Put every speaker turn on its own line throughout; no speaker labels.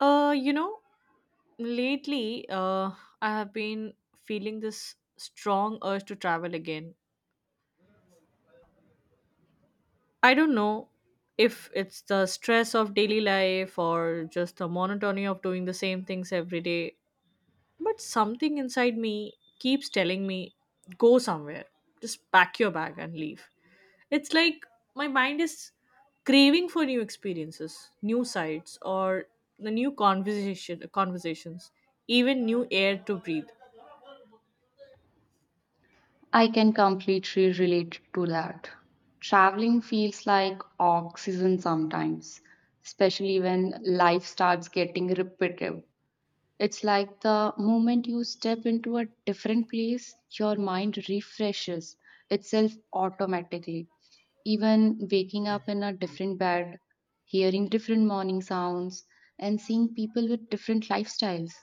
Uh, you know, Lately, I have been feeling this strong urge to travel again. I don't know if it's the stress of daily life or just the monotony of doing the same things every day. But something inside me keeps telling me, go somewhere, just pack your bag and leave. It's like my mind is craving for new experiences, new sights, or the new conversations, even new air to breathe.
I can completely relate to that. Traveling feels like oxygen sometimes, especially when life starts getting repetitive. It's like the moment you step into a different place, your mind refreshes itself automatically. Even waking up in a different bed, hearing different morning sounds, and seeing people with different lifestyles.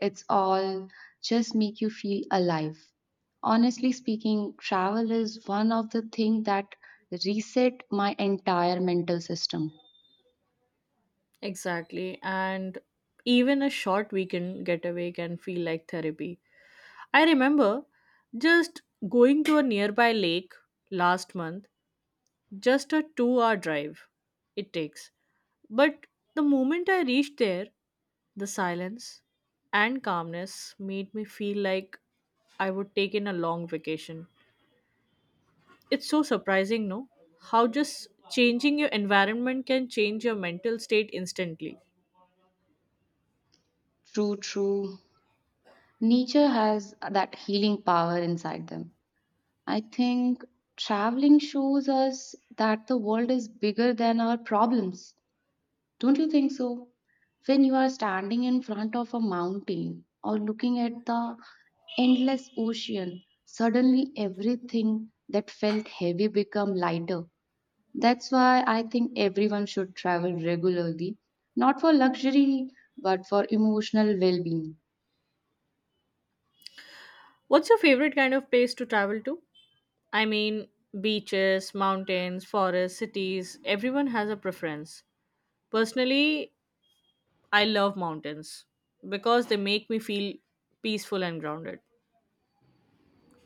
It's all just make you feel alive. Honestly speaking, travel is one of the things that reset my entire mental system.
Exactly. And even a short weekend getaway can feel like therapy. I remember just going to a nearby lake last month, just a 2-hour drive it takes. But the moment I reached there, the silence and calmness made me feel like I would take in a long vacation. It's so surprising, no? How just changing your environment can change your mental state instantly.
True, true. Nature has that healing power inside them. I think traveling shows us that the world is bigger than our problems. Don't you think so? When you are standing in front of a mountain or looking at the endless ocean, suddenly everything that felt heavy become lighter. That's why I think everyone should travel regularly, not for luxury, but for emotional well-being.
What's your favorite kind of place to travel to? I mean, beaches, mountains, forests, cities, everyone has a preference. Personally, I love mountains because they make me feel peaceful and grounded.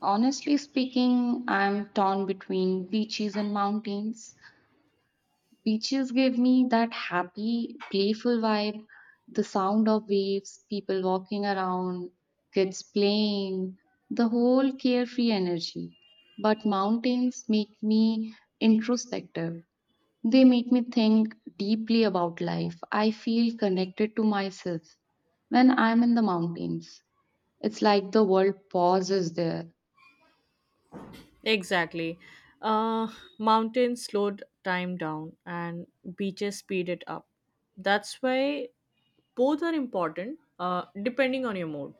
Honestly speaking, I'm torn between beaches and mountains. Beaches give me that happy, playful vibe, the sound of waves, people walking around, kids playing, the whole carefree energy. But mountains make me introspective. They make me think deeply about life. I feel connected to myself when I'm in the mountains. It's like the world pauses there.
Exactly. Uh, Mountains slowed time down and beaches speed it up. That's why both are important, depending on your mood.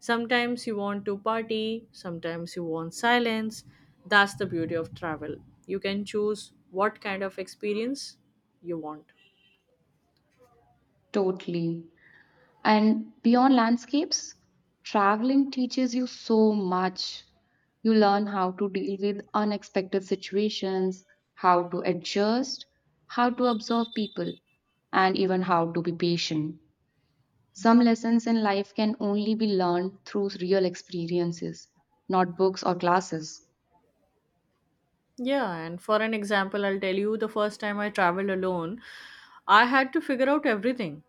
Sometimes you want to party, sometimes you want silence. That's the beauty of travel. You can choose what kind of experience you want.
Totally. And beyond landscapes, traveling teaches you so much. You learn how to deal with unexpected situations, how to adjust, how to observe people, and even how to be patient. Some lessons in life can only be learned through real experiences, not books or classes.
Yeah, and for an example, I'll tell you the first time I traveled alone, I had to figure out everything.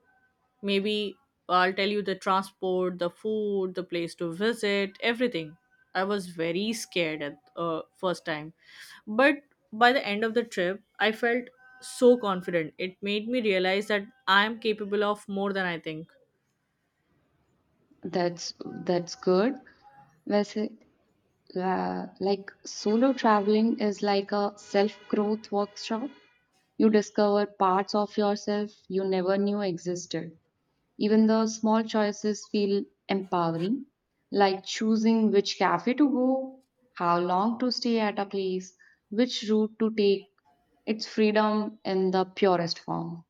Maybe I'll tell you the transport, the food, the place to visit, everything. I was very scared at first time, but by the end of the trip, I felt so confident. It made me realize that I am capable of more than I think.
That's good. Whereas, like solo traveling is like a self growth workshop. You discover parts of yourself you never knew existed. Even the small choices feel empowering, like choosing which cafe to go, how long to stay at a place, which route to take. It's freedom in the purest form.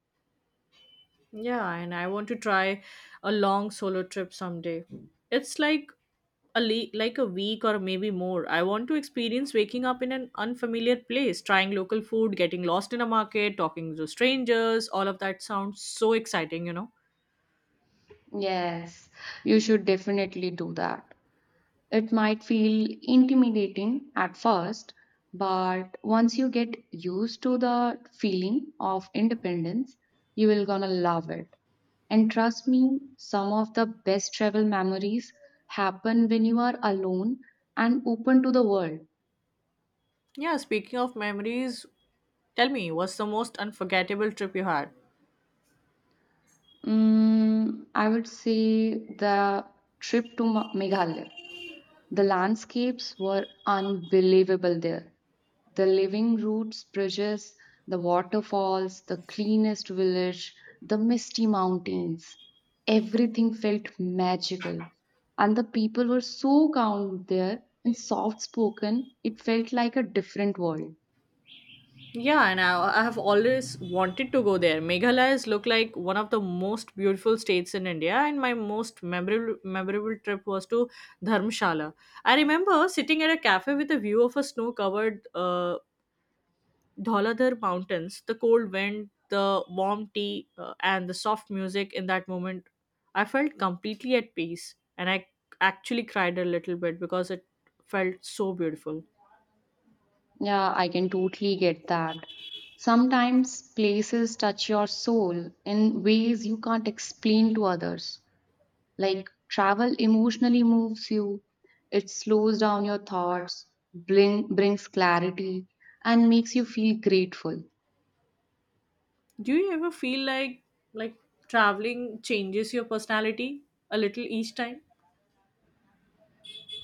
Yeah, and I want to try a long solo trip someday. It's like like a week or maybe more. I want to experience waking up in an unfamiliar place, trying local food, getting lost in a market, talking to strangers. All of that sounds so exciting.
Yes, you should definitely do that. It might feel intimidating at first, but once you get used to the feeling of independence, you will gonna love it. And trust me, some of the best travel memories happen when you are alone and open to the world.
Yeah, speaking of memories, tell me, what's the most unforgettable trip you had?
I would say the trip to Meghalaya. The landscapes were unbelievable there. The living roots, bridges, the waterfalls, the cleanest village, the misty mountains. Everything felt magical. And the people were so kind there and soft spoken, it felt like a different world.
Yeah, and I have always wanted to go there. Meghalaya is look like one of the most beautiful states in India, and my most memorable trip was to Dharamshala. I remember sitting at a cafe with a view of a snow-covered, Dhauladhar Mountains, the cold wind, the warm tea, and the soft music. In that moment, I felt completely at peace, and I actually cried a little bit because it felt so beautiful.
Yeah, I can totally get that. Sometimes places touch your soul in ways you can't explain to others. Like travel emotionally moves you, it slows down your thoughts, brings clarity, and makes you feel grateful.
Do you ever feel like traveling changes your personality a little each time?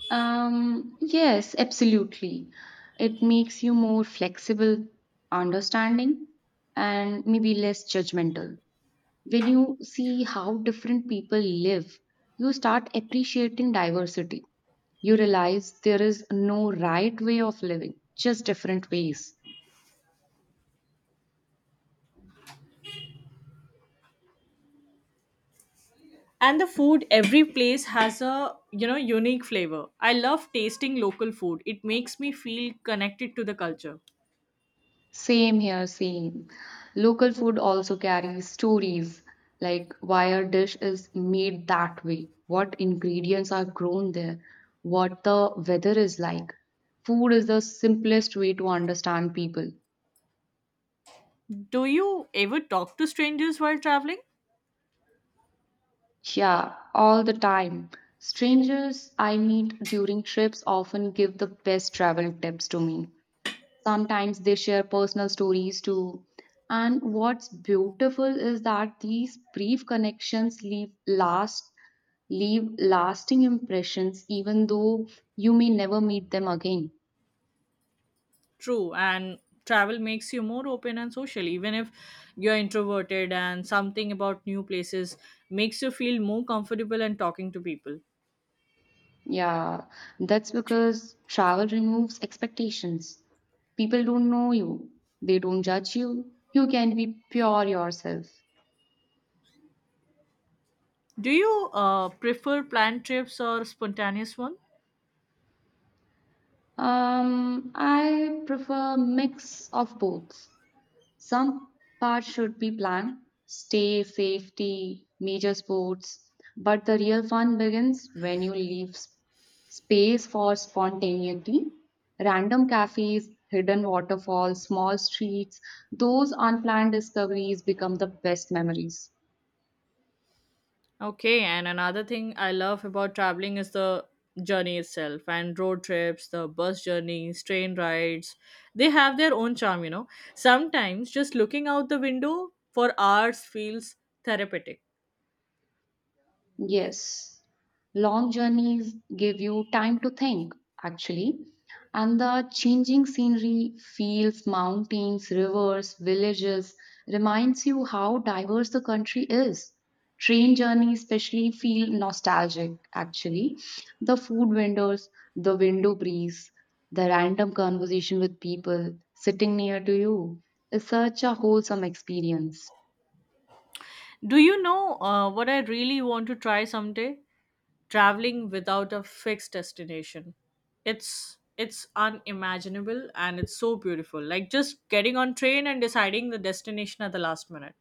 Yes, absolutely. It makes you more flexible, understanding, and maybe less judgmental. When you see how different people live, you start appreciating diversity. You realize there is no right way of living, just different ways.
And the food, every place has a unique flavor. I love tasting local food. It makes me feel connected to the culture.
Same here, same. Local food also carries stories like why a dish is made that way, what ingredients are grown there, what the weather is like. Food is the simplest way to understand people.
Do you ever talk to strangers while traveling?
Yeah, all the time. Strangers I meet during trips often give the best travel tips to me. Sometimes they share personal stories too. And what's beautiful is that these brief connections leave lasting impressions even though you may never meet them again.
True, and travel makes you more open and social, even if you're introverted, and something about new places makes you feel more comfortable and talking to people.
Yeah, that's because travel removes expectations. People don't know you, they don't judge you. You can be pure yourself.
Do you prefer planned trips or spontaneous one?
I prefer mix of both. Some parts should be planned, stay, safety, major sports, but the real fun begins when you leave space for spontaneity. Random cafes, hidden waterfalls, small streets, those unplanned discoveries become the best memories.
Okay, and another thing I love about traveling is the journey itself and road trips, the bus journeys, train rides. They have their own charm. Sometimes just looking out the window for hours feels therapeutic.
Yes, long journeys give you time to think, actually, and the changing scenery, fields, mountains, rivers, villages reminds you how diverse the country is. Train journeys, especially, feel nostalgic, actually. The food vendors, the window breeze, the random conversation with people sitting near to you is such a wholesome experience.
Do you know, what I really want to try someday? Traveling without a fixed destination, it's unimaginable, and it's so beautiful, like just getting on train and deciding the destination at the last minute.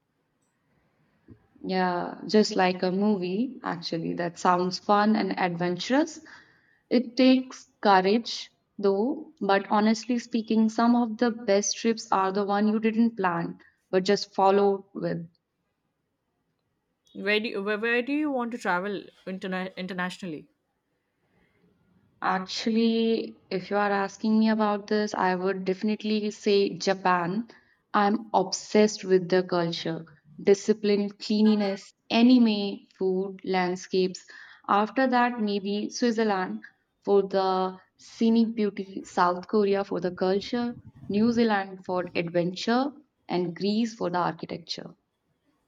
Yeah, just like a movie, actually, that sounds fun and adventurous. It takes courage, though, but honestly speaking, some of the best trips are the one you didn't plan, but just followed with.
Where do you want to travel internationally?
Actually, if you are asking me about this, I would definitely say Japan. I'm obsessed with the culture, discipline, cleanliness, anime, food, landscapes. After that, maybe Switzerland for the scenic beauty, South Korea for the culture, New Zealand for adventure, and Greece for the architecture.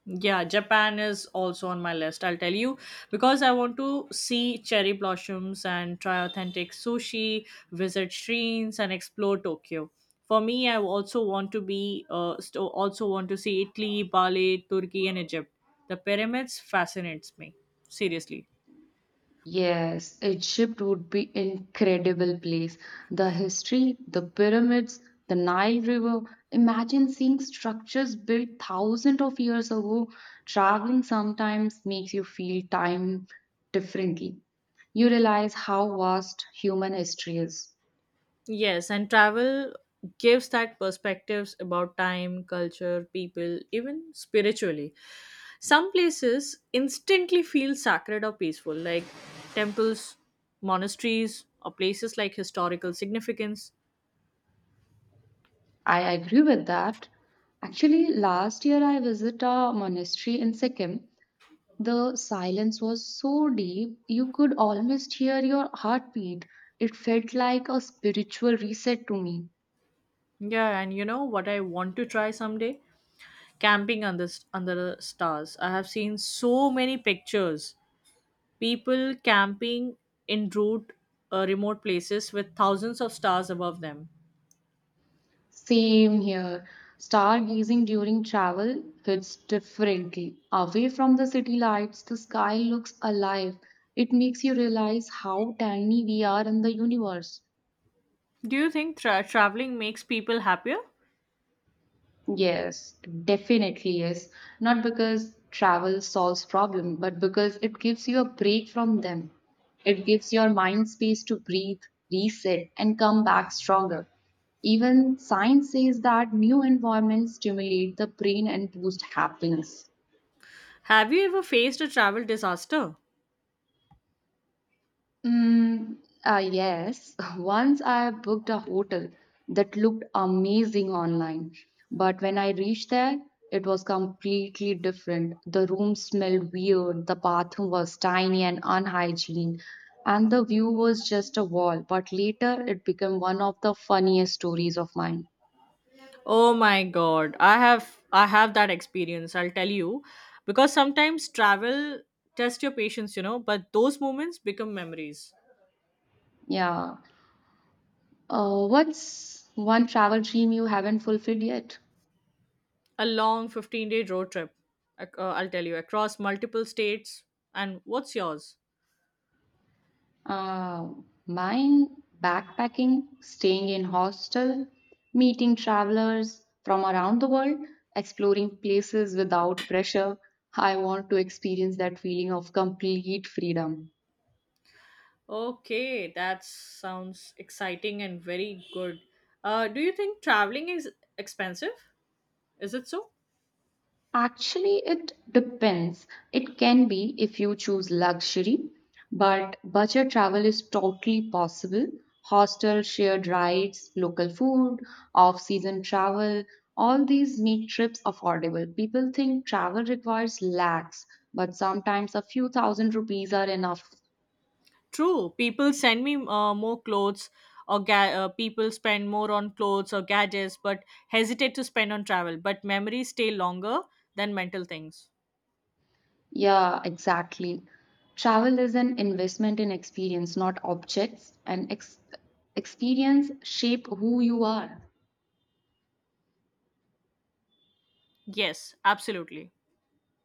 Yeah, Japan is also on my list, I'll tell you, because I want to see cherry blossoms and try authentic sushi, visit shrines and explore Tokyo. For me, I also want to also want to see Italy, Bali, Turkey and Egypt. The pyramids fascinates me. Seriously.
Yes, Egypt would be incredible place. The history, the pyramids, the Nile River. Imagine seeing structures built thousands of years ago. Traveling sometimes makes you feel time differently. You realize how vast human history is.
Yes, and travel gives that perspectives about time, culture, people, even spiritually. Some places instantly feel sacred or peaceful, like temples, monasteries, or places like historical significance.
I agree with that. Actually, last year I visited a monastery in Sikkim. The silence was so deep, you could almost hear your heartbeat. It felt like a spiritual reset to me.
Yeah, and you know what I want to try someday? Camping under the stars. I have seen so many pictures. People camping in route, remote places with thousands of stars above them.
Same here. Stargazing during travel hits differently. Away from the city lights, the sky looks alive. It makes you realize how tiny we are in the universe.
Do you think traveling makes people happier?
Yes, definitely yes. Not because travel solves problem, but because it gives you a break from them. It gives your mind space to breathe, reset, and come back stronger. Even science says that new environments stimulate the brain and boost happiness.
Have you ever faced a travel disaster?
Mm, yes, once I booked a hotel that looked amazing online, but when I reached there, it was completely different. The room smelled weird, the bathroom was tiny and unhygienic, and the view was just a wall. But later, it became one of the funniest stories of mine.
Oh my god, I have that experience, I'll tell you, because sometimes travel tests your patience, but those moments become memories.
Yeah. What's one travel dream you haven't fulfilled yet?
A long 15-day road trip, I'll tell you, across multiple states. And what's yours?
Uh, Mine backpacking, staying in hostel, meeting travelers from around the world, exploring places without pressure. I want to experience that feeling of complete freedom.
Okay, that sounds exciting and very good. Do you think traveling is expensive? Is it so?
Actually, it depends. It can be if you choose luxury, but budget travel is totally possible. Hostel, shared rides, local food, off season travel, all these make trips affordable. People think travel requires lakhs, but sometimes a few thousand rupees are enough.
True, people send me more clothes or people spend more on clothes or gadgets but hesitate to spend on travel, but memories stay longer than mental things.
Yeah, exactly. Travel is an investment in experience, not objects, and experience shape who you are.
Yes, absolutely.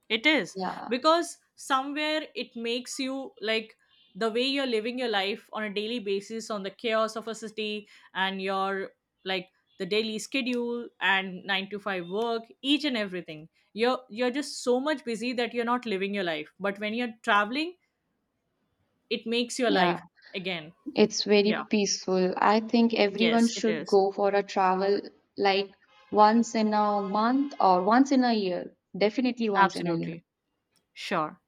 It is,
Yeah.
because somewhere it makes you like the way you're living your life on a daily basis, on the chaos of a city, and your, like, the daily schedule and 9 to 5 work, each and everything. You're just so much busy that you're not living your life, but when you're traveling, it makes your
Yeah,
life again.
it's very
Yeah.
peaceful. I think everyone
Yes, it
should
is.
go for a travel like once in a month or once in a year. Definitely once in a year.
Absolutely. Sure.